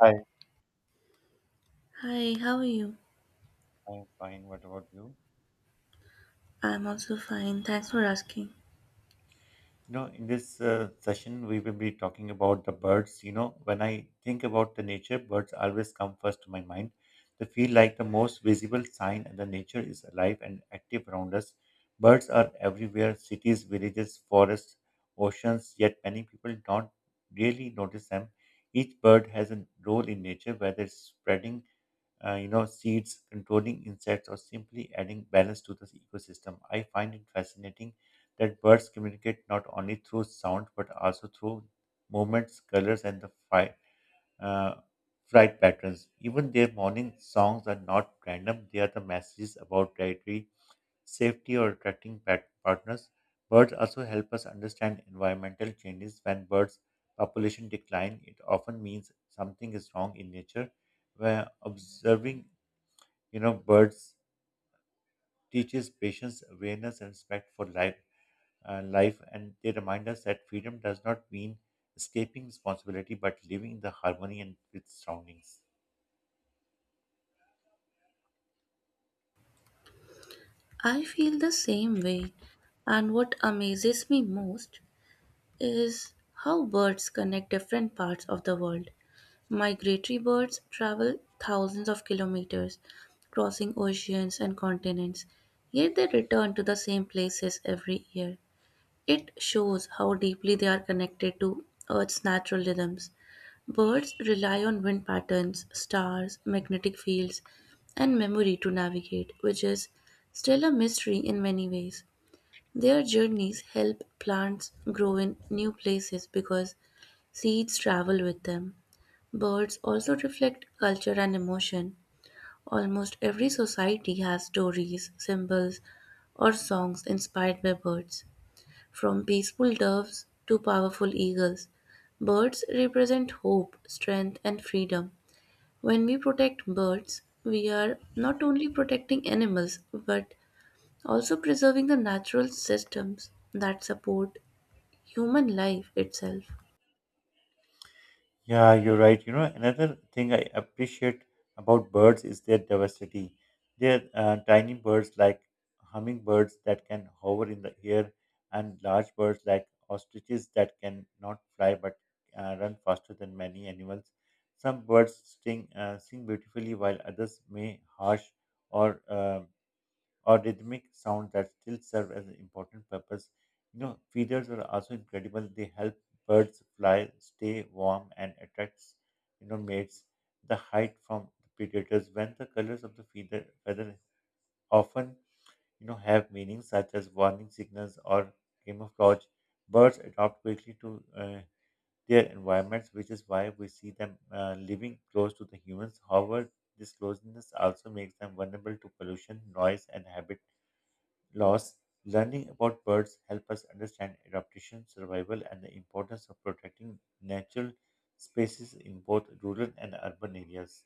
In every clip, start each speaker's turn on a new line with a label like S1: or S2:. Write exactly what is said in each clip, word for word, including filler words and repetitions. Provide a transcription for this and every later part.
S1: Hi,
S2: Hi, how are you?
S1: I'm fine. What about you?
S2: I'm also fine. Thanks for asking.
S1: You know, in this uh, session, we will be talking about the birds. You know, when I think about the nature, birds always come first to my mind. They feel like the most visible sign that the nature is alive and active around us. Birds are everywhere, cities, villages, forests, oceans, yet many people don't really notice them. Each bird has a role in nature, whether it's spreading uh, you know, seeds, controlling insects, or simply adding balance to the ecosystem. I find it fascinating that birds communicate not only through sound but also through movements, colors, and the fi- uh, flight patterns. Even their morning songs are not random; they are the messages about dietary safety or attracting pet partners. Birds also help us understand environmental changes. When birds population decline, it often means something is wrong in nature. Where observing you know birds teaches patience awareness and respect for life uh, life and they remind us that freedom does not mean escaping responsibility but living in the harmony and with surroundings.
S2: I feel the same way, and what amazes me most is how birds connect different parts of the world. Migratory birds travel thousands of kilometers, crossing oceans and continents, yet they return to the same places every year. It shows how deeply they are connected to Earth's natural rhythms. Birds rely on wind patterns, stars, magnetic fields, and memory to navigate, which is still a mystery in many ways. Their journeys help plants grow in new places because seeds travel with them. Birds also reflect culture and emotion. Almost every society has stories, symbols, or songs inspired by birds, from peaceful doves to powerful eagles. Birds represent hope, strength, and freedom. When we protect birds, we are not only protecting animals but also preserving the natural systems that support human life itself.
S1: Yeah, you're right. You know, another thing I appreciate about birds is their diversity. They're uh, tiny birds like hummingbirds that can hover in the air, and large birds like ostriches that can not fly but uh, run faster than many animals. Some birds sing, uh, sing beautifully, while others may harsh or uh, or rhythmic sound that still serve as an important purpose. You know, feeders are also incredible. They help birds fly, stay warm, and attracts you know mates. The height from the predators when the colors of the feeder feather often you know have meanings such as warning signals or camouflage. Birds adapt quickly to uh, their environments, which is why we see them uh, living close to the humans. However, this closeness also makes them vulnerable to pollution, noise, and habitat laws, learning about birds help us understand adaptation, survival, and the importance of protecting natural spaces in both rural and urban areas.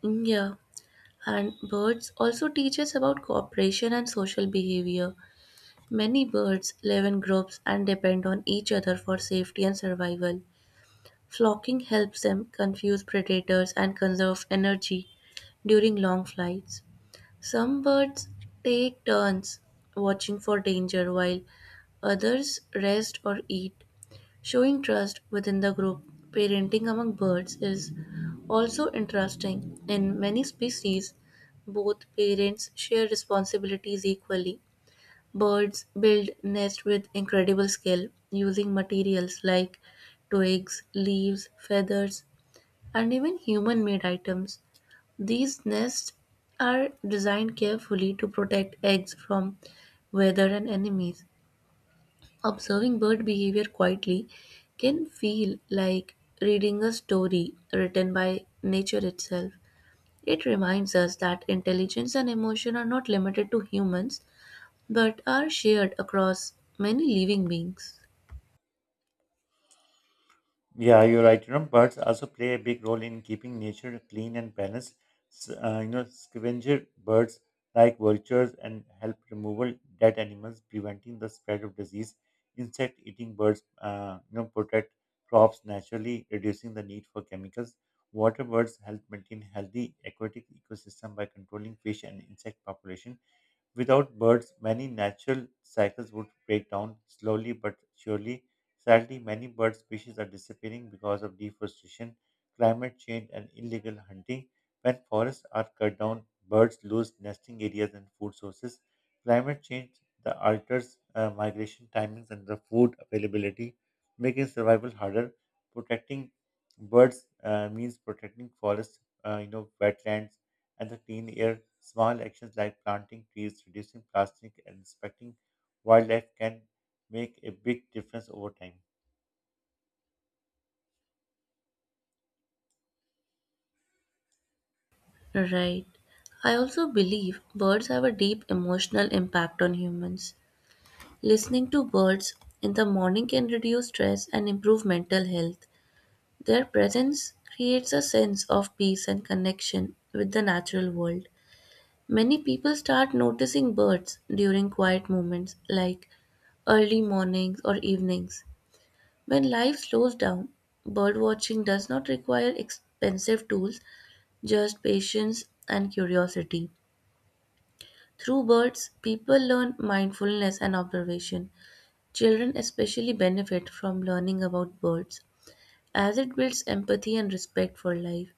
S2: Yeah, and birds also teach us about cooperation and social behavior. Many birds live in groups and depend on each other for safety and survival. Flocking helps them confuse predators and conserve energy during long flights. Some birds take turns watching for danger while others rest or eat, showing trust within the group. Parenting among birds is also interesting. In many species, both parents share responsibilities equally. Birds build nests with incredible skill using materials like twigs, leaves, feathers, and even human made items. These nests are designed carefully to protect eggs from weather and enemies. Observing bird behavior quietly can feel like reading a story written by nature itself. It reminds us that intelligence and emotion are not limited to humans but are shared across many living beings.
S1: Yeah, you're right. You know, birds also play a big role in keeping nature clean and balanced. S- uh, you know, scavenger birds like vultures and help removal dead animals, preventing the spread of disease. Insect-eating birds, uh, you know, protect crops naturally, reducing the need for chemicals. Water birds help maintain healthy aquatic ecosystem by controlling fish and insect population. Without birds, many natural cycles would break down slowly but surely. Sadly, many bird species are disappearing because of deforestation, climate change, and illegal hunting. When forests are cut down, birds lose nesting areas and food sources. Climate change the alters uh, migration timings and the food availability, making survival harder. Protecting birds uh, means protecting forests, uh, you know, wetlands, and the clean air, small actions like planting trees, reducing plastic, and respecting wildlife can make a big difference over time.
S2: Right. I also believe birds have a deep emotional impact on humans. Listening to birds in the morning can reduce stress and improve mental health. Their presence creates a sense of peace and connection with the natural world. Many people start noticing birds during quiet moments like early mornings or evenings. When life slows down, bird watching does not require expensive tools, just patience and curiosity. Through birds, people learn mindfulness and observation. Children especially benefit from learning about birds as it builds empathy and respect for life.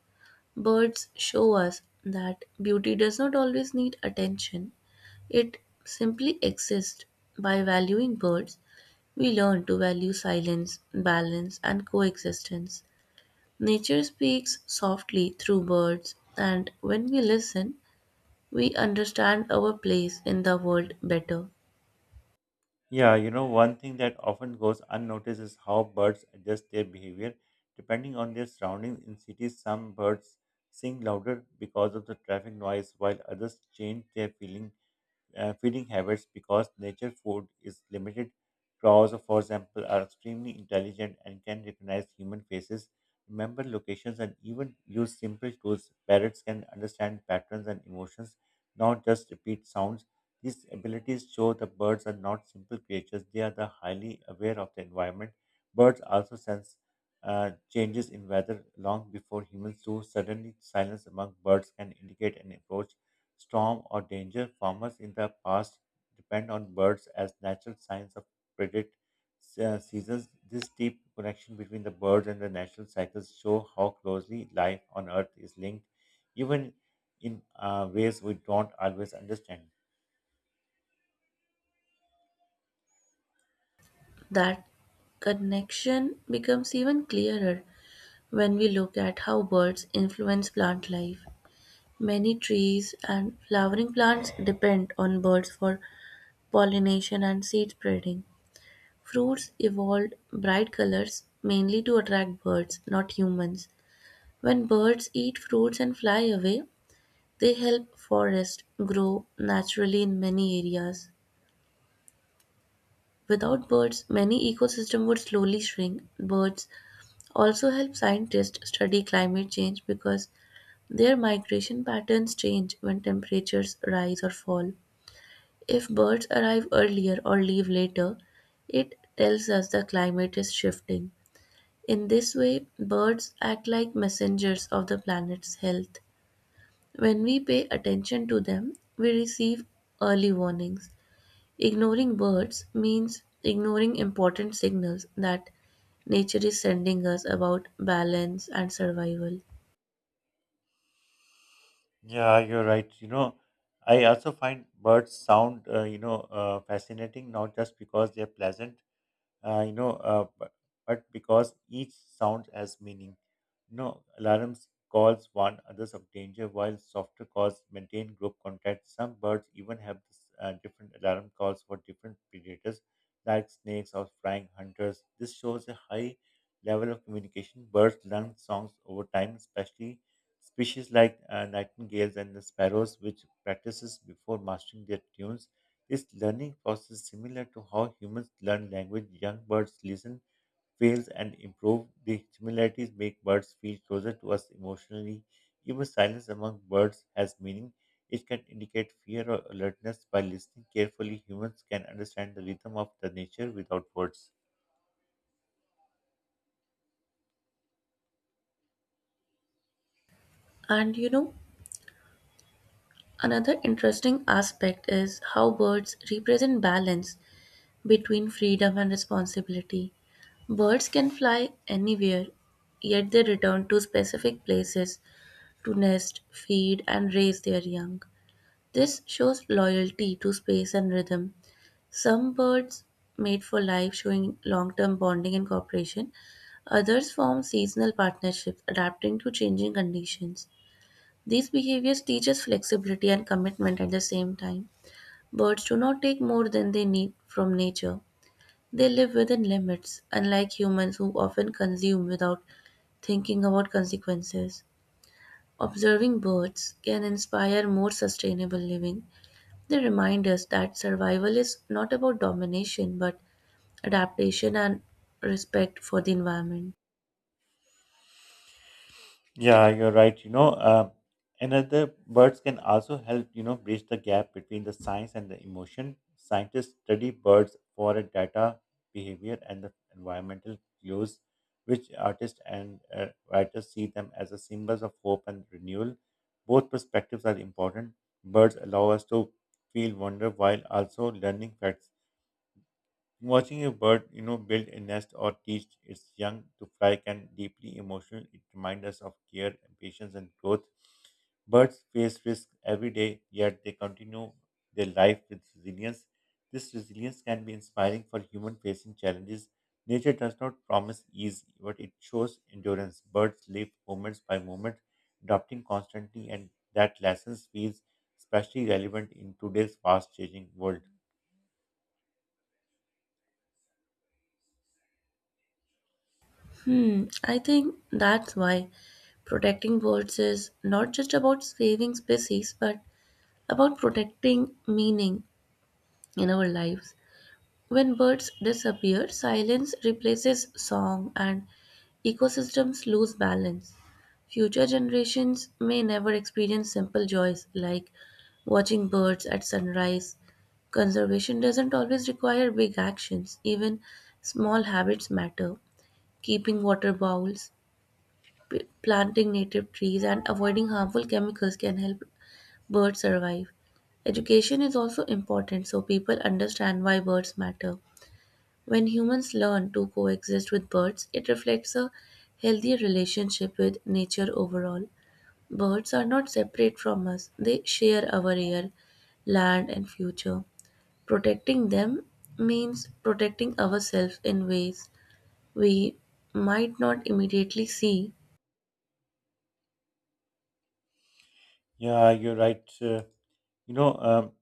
S2: Birds show us that beauty does not always need attention, it simply exists. By valuing birds, we learn to value silence, balance, and coexistence. Nature speaks softly through birds, and when we listen, we understand our place in the world better.
S1: Yeah, you know, one thing that often goes unnoticed is how birds adjust their behavior. Depending on their surroundings in cities, some birds sing louder because of the traffic noise, while others change their feeling uh, feeding habits because nature food is limited. Crows, for example, are extremely intelligent and can recognize human faces, remember locations, and even use simple tools. Parrots can understand patterns and emotions, not just repeat sounds. These abilities show the birds are not simple creatures, they are the highly aware of the environment. Birds also sense uh, changes in weather long before humans do. Suddenly, silence among birds can indicate an approach storm, or danger, farmers in the past depend on birds as natural signs of predict uh, seasons. This deep connection between the birds and the natural cycles show how closely life on Earth is linked, even in uh, ways we don't always understand.
S2: That connection becomes even clearer when we look at how birds influence plant life. Many trees and flowering plants depend on birds for pollination and seed spreading. Fruits evolved bright colors mainly to attract birds, not humans. When birds eat fruits and fly away, they help forests grow naturally in many areas. Without birds, many ecosystems would slowly shrink. Birds also help scientists study climate change because their migration patterns change when temperatures rise or fall. If birds arrive earlier or leave later, it tells us the climate is shifting. In this way, birds act like messengers of the planet's health. When we pay attention to them, we receive early warnings. Ignoring birds means ignoring important signals that nature is sending us about balance and survival.
S1: Yeah, you're right. You know, I also find birds sound, uh, you know, uh, fascinating, not just because they're pleasant, uh, you know, uh, but, but because each sound has meaning. No, alarms calls warn others of danger, while softer calls maintain group contact. Some birds even have this, uh, different alarm calls for different predators, like snakes or flying hunters. This shows a high level of communication. Birds learn songs over time, especially species like uh, nightingales and the sparrows, which practices before mastering their tunes. Is learning process similar to how humans learn language? Young birds listen, fails, and improve. The similarities make birds feel closer to us emotionally. Even silence among birds has meaning. It can indicate fear or alertness. By listening carefully, humans can understand the rhythm of the nature without words.
S2: And you know, another interesting aspect is how birds represent balance between freedom and responsibility. Birds can fly anywhere, yet they return to specific places to nest, feed, and raise their young. This shows loyalty to space and rhythm. Some birds mate for life, showing long term bonding and cooperation. Others form seasonal partnerships, adapting to changing conditions. These behaviors teach us flexibility and commitment at the same time. Birds do not take more than they need from nature, they live within limits, unlike humans who often consume without thinking about consequences. Observing birds can inspire more sustainable living. They remind us that survival is not about domination but adaptation and respect for the environment.
S1: Yeah, you're right. You know, uh, another birds can also help, you know, bridge the gap between the science and the emotion. Scientists study birds for a data, behavior, and the environmental clues, which artists and uh, writers see them as a symbols of hope and renewal. Both perspectives are important. Birds allow us to feel wonder while also learning facts. Watching a bird, you know, build a nest or teach its young to fly can deeply emotional. It reminds us of care, patience, and growth. Birds face risk every day, yet they continue their life with resilience. This resilience can be inspiring for human facing challenges. Nature does not promise ease, but it shows endurance. Birds live moment by moment, adapting constantly, and that lesson feels especially relevant in today's fast changing world.
S2: Hmm, I think that's why protecting birds is not just about saving species but about protecting meaning in our lives. When birds disappear, silence replaces song and ecosystems lose balance. Future generations may never experience simple joys like watching birds at sunrise. Conservation doesn't always require big actions, even small habits matter. Keeping water bowls, p- planting native trees, and avoiding harmful chemicals can help birds survive. Education is also important so people understand why birds matter. When humans learn to coexist with birds, it reflects a healthy relationship with nature overall. Birds are not separate from us, they share our air, land, and future. Protecting them means protecting ourselves in ways we might not immediately see.
S1: Yeah, you're right. Uh, You know, um,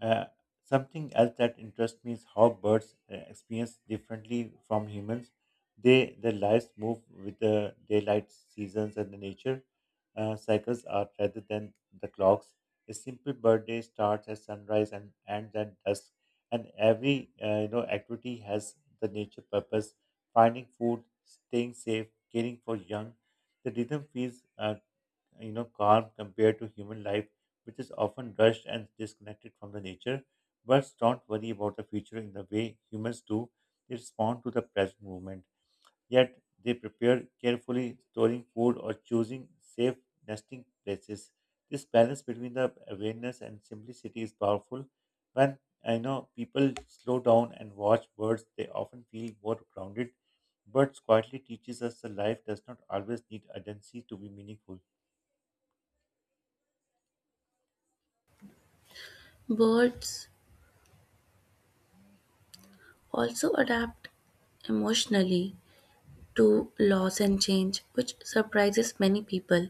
S1: uh, Something else that interests me is how birds uh, experience differently from humans. They their lives move with the daylight, seasons, and the nature uh, cycles are rather than the clocks. A simple bird day starts at sunrise and ends at dusk, and every uh, you know activity has the nature purpose: finding food, staying safe, caring for young. The rhythm feels uh, you know calm compared to human life which is often rushed and disconnected from the nature. Birds don't worry about the future in the way humans do, they respond to the present moment, yet they prepare carefully storing food or choosing safe nesting places. This balance between the awareness and simplicity is powerful. When I know people slow down and watch birds they often feel more grounded. Birds quietly teaches us that life does not always need urgency to be meaningful.
S2: Birds also adapt emotionally to loss and change, which surprises many people.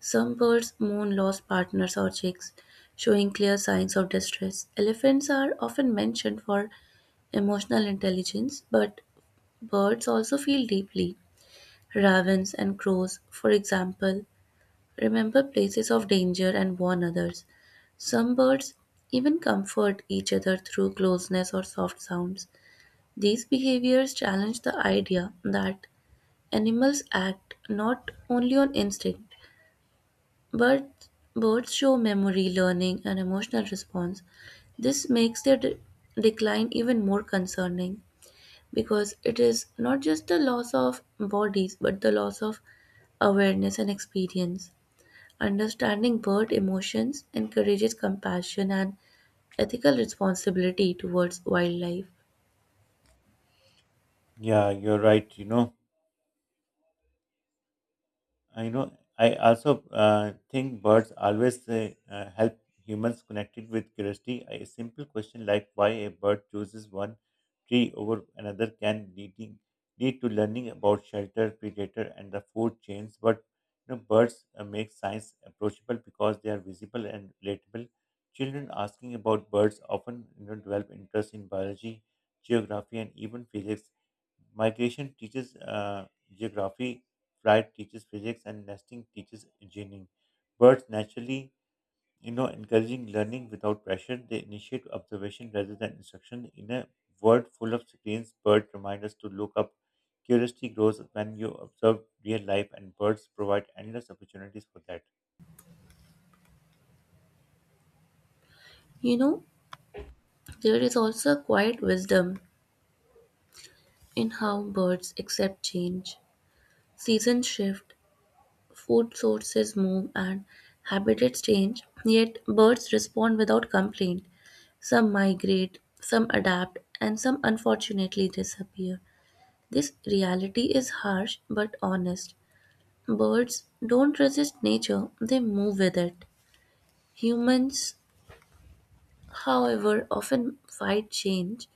S2: Some birds mourn lost partners or chicks, showing clear signs of distress. Elephants are often mentioned for emotional intelligence, but birds also feel deeply. Ravens and crows, for example, remember places of danger and warn others. Some birds even comfort each other through closeness or soft sounds. These behaviors challenge the idea that animals act not only on instinct. Birds, birds show memory, learning, and emotional response. This makes their de- decline even more concerning because it is not just the loss of bodies but the loss of awareness and experience. Understanding bird emotions encourages compassion and ethical responsibility towards wildlife.
S1: Yeah, you're right. You know, I know. I also uh, think birds always uh, uh, help humans connected with curiosity. A simple question like why a bird chooses one tree over another can leading lead to learning about shelter, predator, and the food chains. But you know, birds uh, make science approachable because they are visible and relatable. Children asking about birds often you know, develop interest in biology, geography, and even physics. Migration teaches uh, geography. Flight teaches physics and nesting teaches engineering. Birds naturally, you know, encouraging learning without pressure. They initiate observation rather than instruction. In a world full of screens, birds remind us to look up. Curiosity grows when you observe real life, and birds provide endless opportunities for that.
S2: You know, there is also a quiet wisdom in how birds accept change. Seasons shift, food sources move and habitats change, yet birds respond without complaint. Some migrate, some adapt, and some unfortunately disappear. This reality is harsh but honest. Birds don't resist nature, they move with it. Humans, however, often fight change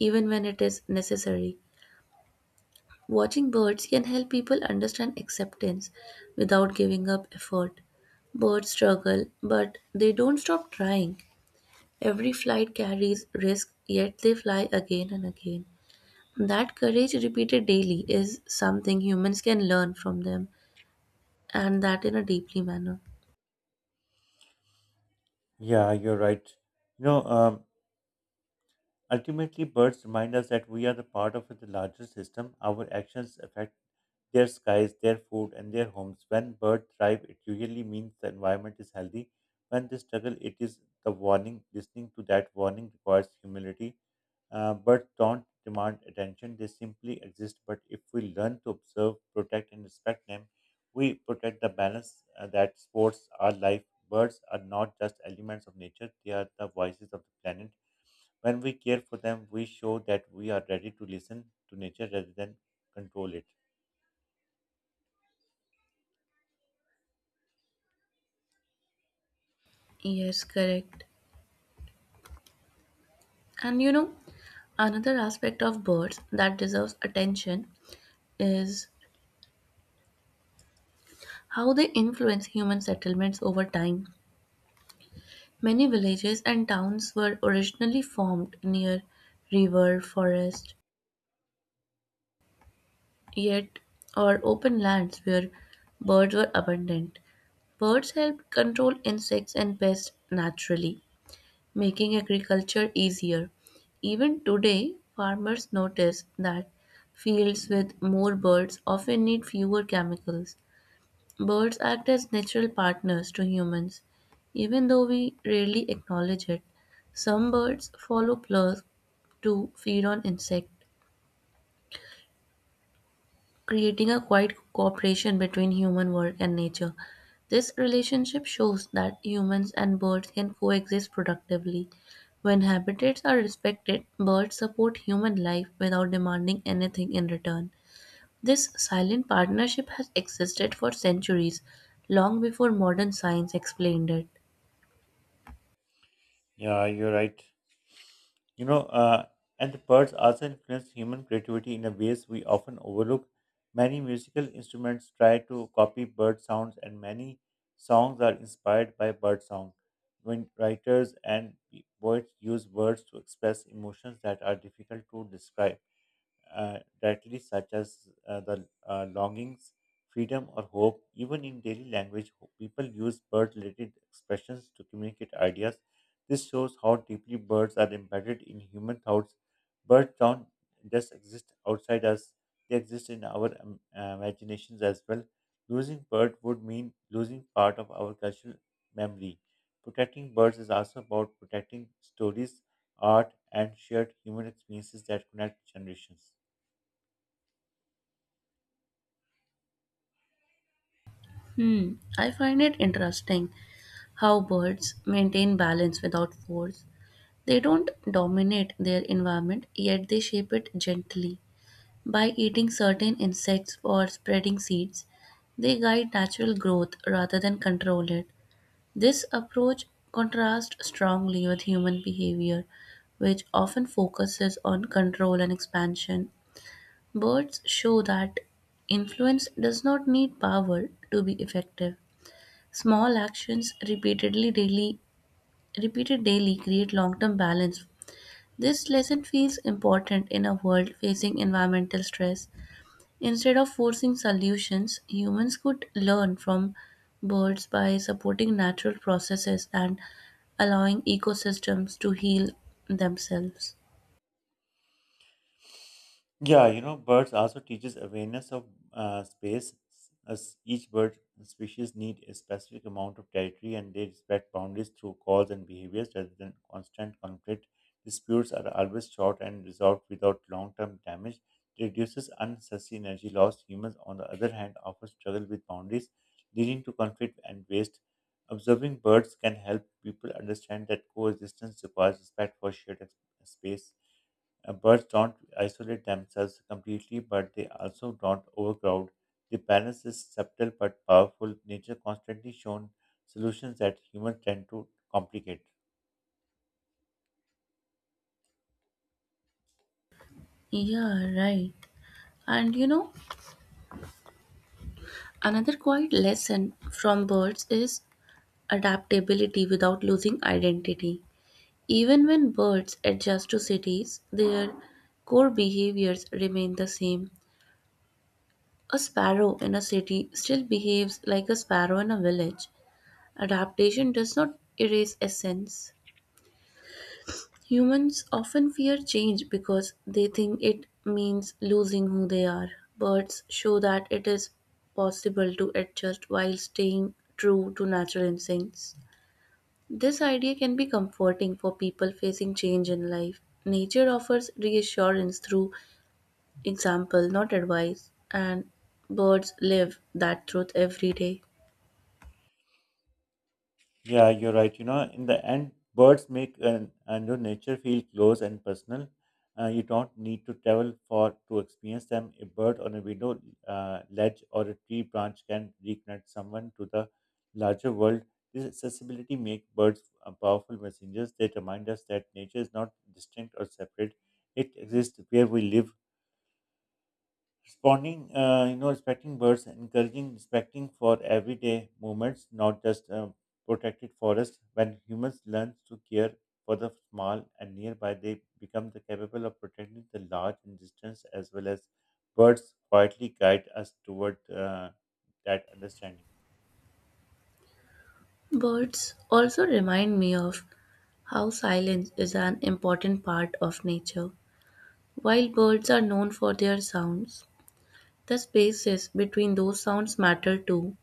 S2: even when it is necessary. Watching birds can help people understand acceptance without giving up effort. Birds struggle, but they don't stop trying. Every flight carries risk, yet they fly again and again. That courage repeated daily is something humans can learn from them, and that in a deeply manner.
S1: Yeah, you're right. You know, um, Ultimately, birds remind us that we are the part of the larger system. Our actions affect their skies, their food, and their homes. When birds thrive, it usually means the environment is healthy. When they struggle, it is the warning. Listening to that warning requires humility. Uh, birds don't demand attention, they simply exist. But if we learn to observe, protect, and respect them, we protect the balance uh, that supports our life. Birds are not just elements of nature, they are the voices of the planet. When we care for them, we show that we are ready to listen to nature rather than control it.
S2: Yes, correct. And you know, another aspect of birds that deserves attention is how they influence human settlements over time. Many villages and towns were originally formed near river, forest, yet or open lands where birds were abundant. Birds helped control insects and pests naturally, making agriculture easier. Even today, farmers notice that fields with more birds often need fewer chemicals. Birds act as natural partners to humans, even though we rarely acknowledge it. Some birds follow plows to feed on insects, creating a quiet cooperation between human world and nature. This relationship shows that humans and birds can coexist productively. When habitats are respected, birds support human life without demanding anything in return. This silent partnership has existed for centuries, long before modern science explained it.
S1: Yeah, you're right. You know, uh, and the birds also influence human creativity in a ways we often overlook. Many musical instruments try to copy bird sounds, and many songs are inspired by bird song. When writers and poets use words to express emotions that are difficult to describe, uh, directly, such as uh, the uh, longings, freedom, or hope. Even in daily language, ho- people use bird related expressions to communicate ideas. This shows how deeply birds are embedded in human thoughts. Birds don't just exist outside us, they exist in our um, uh, imaginations as well. Losing bird would mean losing part of our cultural memory. Protecting birds is also about protecting stories, art, and shared human experiences that connect generations.
S2: Hmm, I find it interesting how birds maintain balance without force. They don't dominate their environment, yet they shape it gently. By eating certain insects or spreading seeds, they guide natural growth rather than control it. This approach contrasts strongly with human behavior, which often focuses on control and expansion. Birds show that influence does not need power to be effective. Small actions repeatedly daily repeated daily create long-term balance. This lesson feels important in a world facing environmental stress. Instead of forcing solutions, humans could learn from birds by supporting natural processes and allowing ecosystems to heal themselves.
S1: Yeah, you know, birds also teaches awareness of uh, space. As each bird uh, species need a specific amount of territory, and they respect boundaries through calls and behaviors rather than constant conflict. Disputes are always short and resolved without long-term damage. It reduces unnecessary energy loss. Humans, on the other hand, often struggle with boundaries, leading to conflict and waste. Observing birds can help people understand that coexistence requires respect for shared ex- space. Uh, birds don't isolate themselves completely, but they also don't overcrowd. The balance is subtle but powerful. Nature constantly shown solutions that humans tend to complicate.
S2: Yeah, right. And you know, another quiet lesson from birds is adaptability without losing identity. Even when birds adjust to cities, their core behaviors remain the same. A sparrow in a city still behaves like a sparrow in a village. Adaptation does not erase essence. Humans often fear change because they think it means losing who they are. Birds show that it is possible to adjust while staying true to natural instincts. This idea can be comforting for people facing change in life. Nature offers reassurance through example, not advice, and birds live that truth every day.
S1: Yeah, you're right. You know, in the end, birds make an, and your nature feel close and personal. Uh, you don't need to travel for to experience them. A bird on a window uh, ledge or a tree branch can reconnect someone to the larger world. This accessibility makes birds uh, powerful messengers. They remind us that nature is not distinct or separate. It exists where we live, responding uh, you know respecting birds encouraging respecting for everyday movements not just uh, protected forests when humans learn to care for the small and nearby they become the capable of protecting the large in distance as well as birds quietly guide us toward uh, that understanding.
S2: Birds also remind me of how silence is an important part of nature. While birds are known for their sounds, the spaces between those sounds matter too.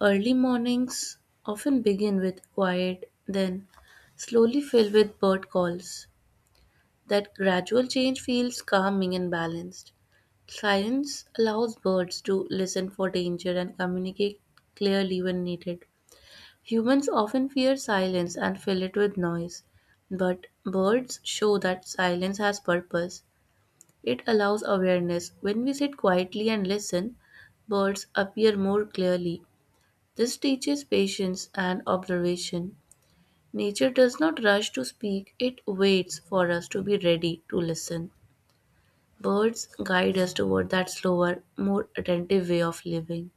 S2: Early mornings often begin with quiet, then slowly fill with bird calls. That gradual change feels calming and balanced. Silence allows birds to listen for danger and communicate clearly when needed. Humans often fear silence and fill it with noise, but birds show that silence has purpose. It allows awareness. When we sit quietly and listen, birds appear more clearly. This teaches patience and observation. Nature does not rush to speak, it waits for us to be ready to listen. Birds guide us toward that slower, more attentive way of living.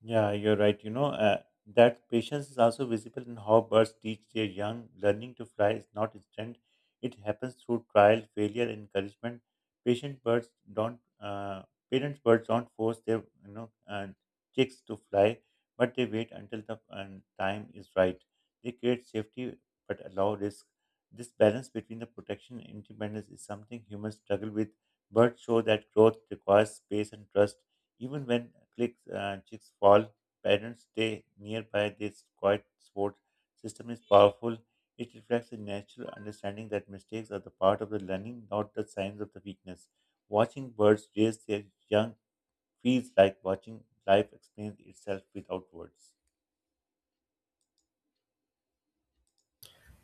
S1: Yeah, you're right. You know, uh, that patience is also visible in how birds teach their young. Learning to fly is not instant, it happens through trial, failure, and encouragement. Patient birds don't, uh, parents birds don't force their, you know, uh, chicks to fly, but they wait until the um, time is right. They create safety but allow risk. This balance between the protection and independence is something humans struggle with. Birds show that growth requires space and trust even when clicks, uh, chicks fall, parents stay nearby. This quiet support system is powerful. It reflects a natural understanding that mistakes are the part of the learning, not the signs of the weakness. Watching birds raise their young feels like watching life explain itself without words.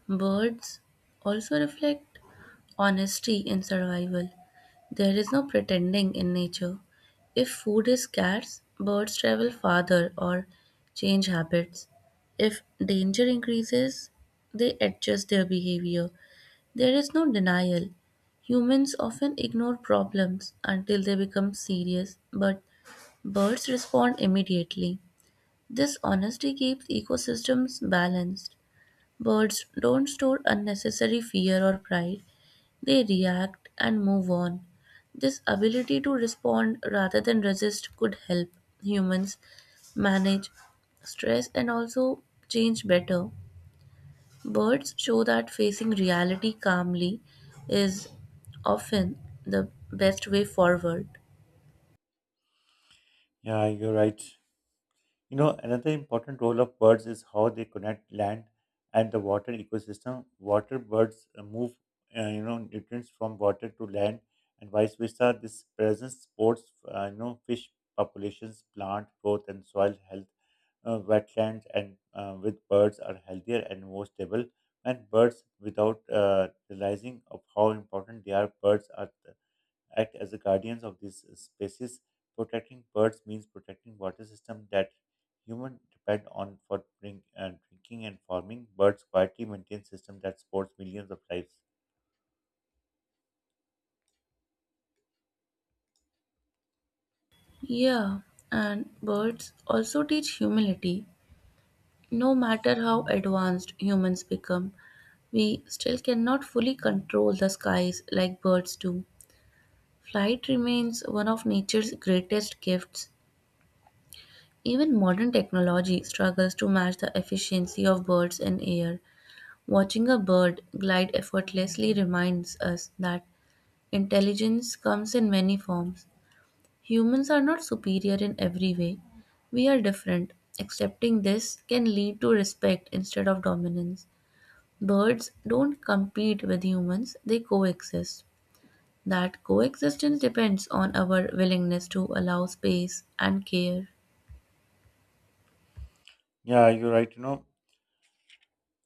S2: Birds also reflect honesty in survival. There is no pretending in nature. If food is scarce, birds travel farther or change habits. If danger increases, they adjust their behavior. There is no denial. Humans often ignore problems until they become serious, but birds respond immediately. This honesty keeps ecosystems balanced. Birds don't store unnecessary fear or pride. They react and move on. This ability to respond rather than resist could help humans manage stress and also change better. Birds show that facing reality calmly is often the best way forward.
S1: Yeah, you're right. You know, another important role of birds is how they connect land and the water ecosystem. Water birds uh, move, uh, you know, nutrients from water to land, and vice versa. This presence supports, uh, you know, fish populations, plant growth, and soil health. Uh, wetlands and uh, with birds are healthier and more stable. And birds, without uh, realizing of how important they are, birds are act as the guardians of these uh, species. Protecting birds means protecting water systems that humans depend on for drink, uh, drinking and farming. Birds quietly maintain systems that supports millions of lives.
S2: Yeah, and birds also teach humility. No matter how advanced humans become, we still cannot fully control the skies like birds do. Flight remains one of nature's greatest gifts. Even modern technology struggles to match the efficiency of birds in air. Watching a bird glide effortlessly reminds us that intelligence comes in many forms. Humans are not superior in every way. We are different. Accepting this can lead to respect instead of dominance. Birds don't compete with humans, they coexist. That coexistence depends on our willingness to allow space and care.
S1: Yeah, you're right. You know,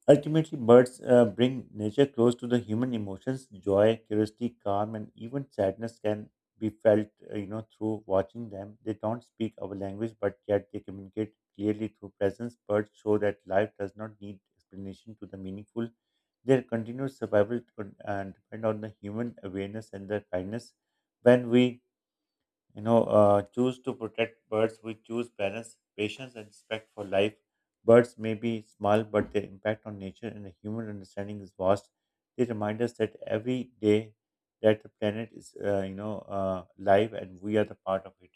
S1: ultimately, birds uh, bring nature close to the human emotions. Joy, curiosity, calm, and even sadness can be felt, uh, you know, through watching them. They don't speak our language, but yet they communicate clearly through presence. Birds show that life does not need explanation to the meaningful. Their continued survival depend- uh, depend on the human awareness and their kindness. When we you know, uh, choose to protect birds. We choose balance, patience, and respect for life. Birds may be small, but their impact on nature and the human understanding is vast. They remind us that every day that the planet is, uh, you know, uh, live and we are the part of it.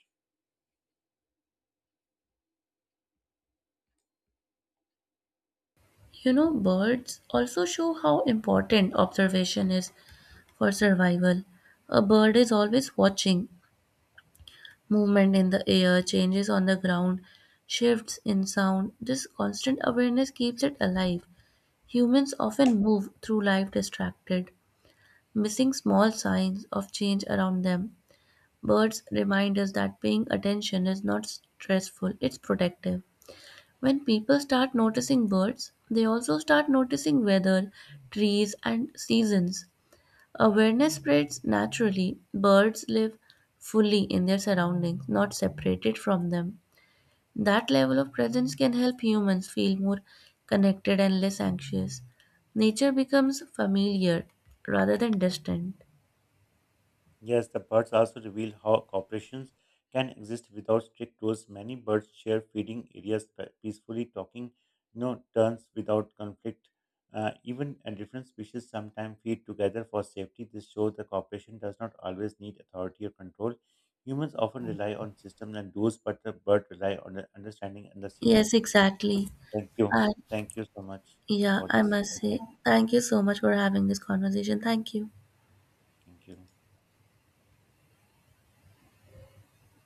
S2: You know, birds also show how important observation is for survival. A bird is always watching movement in the air, changes on the ground, shifts in sound. This constant awareness keeps it alive. Humans often move through life distracted, missing small signs of change around them. Birds remind us that paying attention is not stressful, it's protective. When people start noticing birds, they also start noticing weather, trees, and seasons. Awareness spreads naturally. Birds live fully in their surroundings, not separated from them. That level of presence can help humans feel more connected and less anxious. Nature becomes familiar rather than distant.
S1: Yes, the birds also reveal how corporations can exist without strict rules. Many birds share feeding areas pe- peacefully, talking no turns without conflict. Uh, even and different species sometimes feed together for safety. This shows the cooperation does not always need authority or control. Humans often rely on systems and rules, but the bird rely on the understanding and the
S2: Yes,
S1: signals.
S2: exactly.
S1: Thank you.
S2: And
S1: Thank you so much
S2: yeah,
S1: for
S2: I
S1: this
S2: must say,
S1: insight.
S2: thank you so much for having this conversation. Thank you.
S1: Thank you.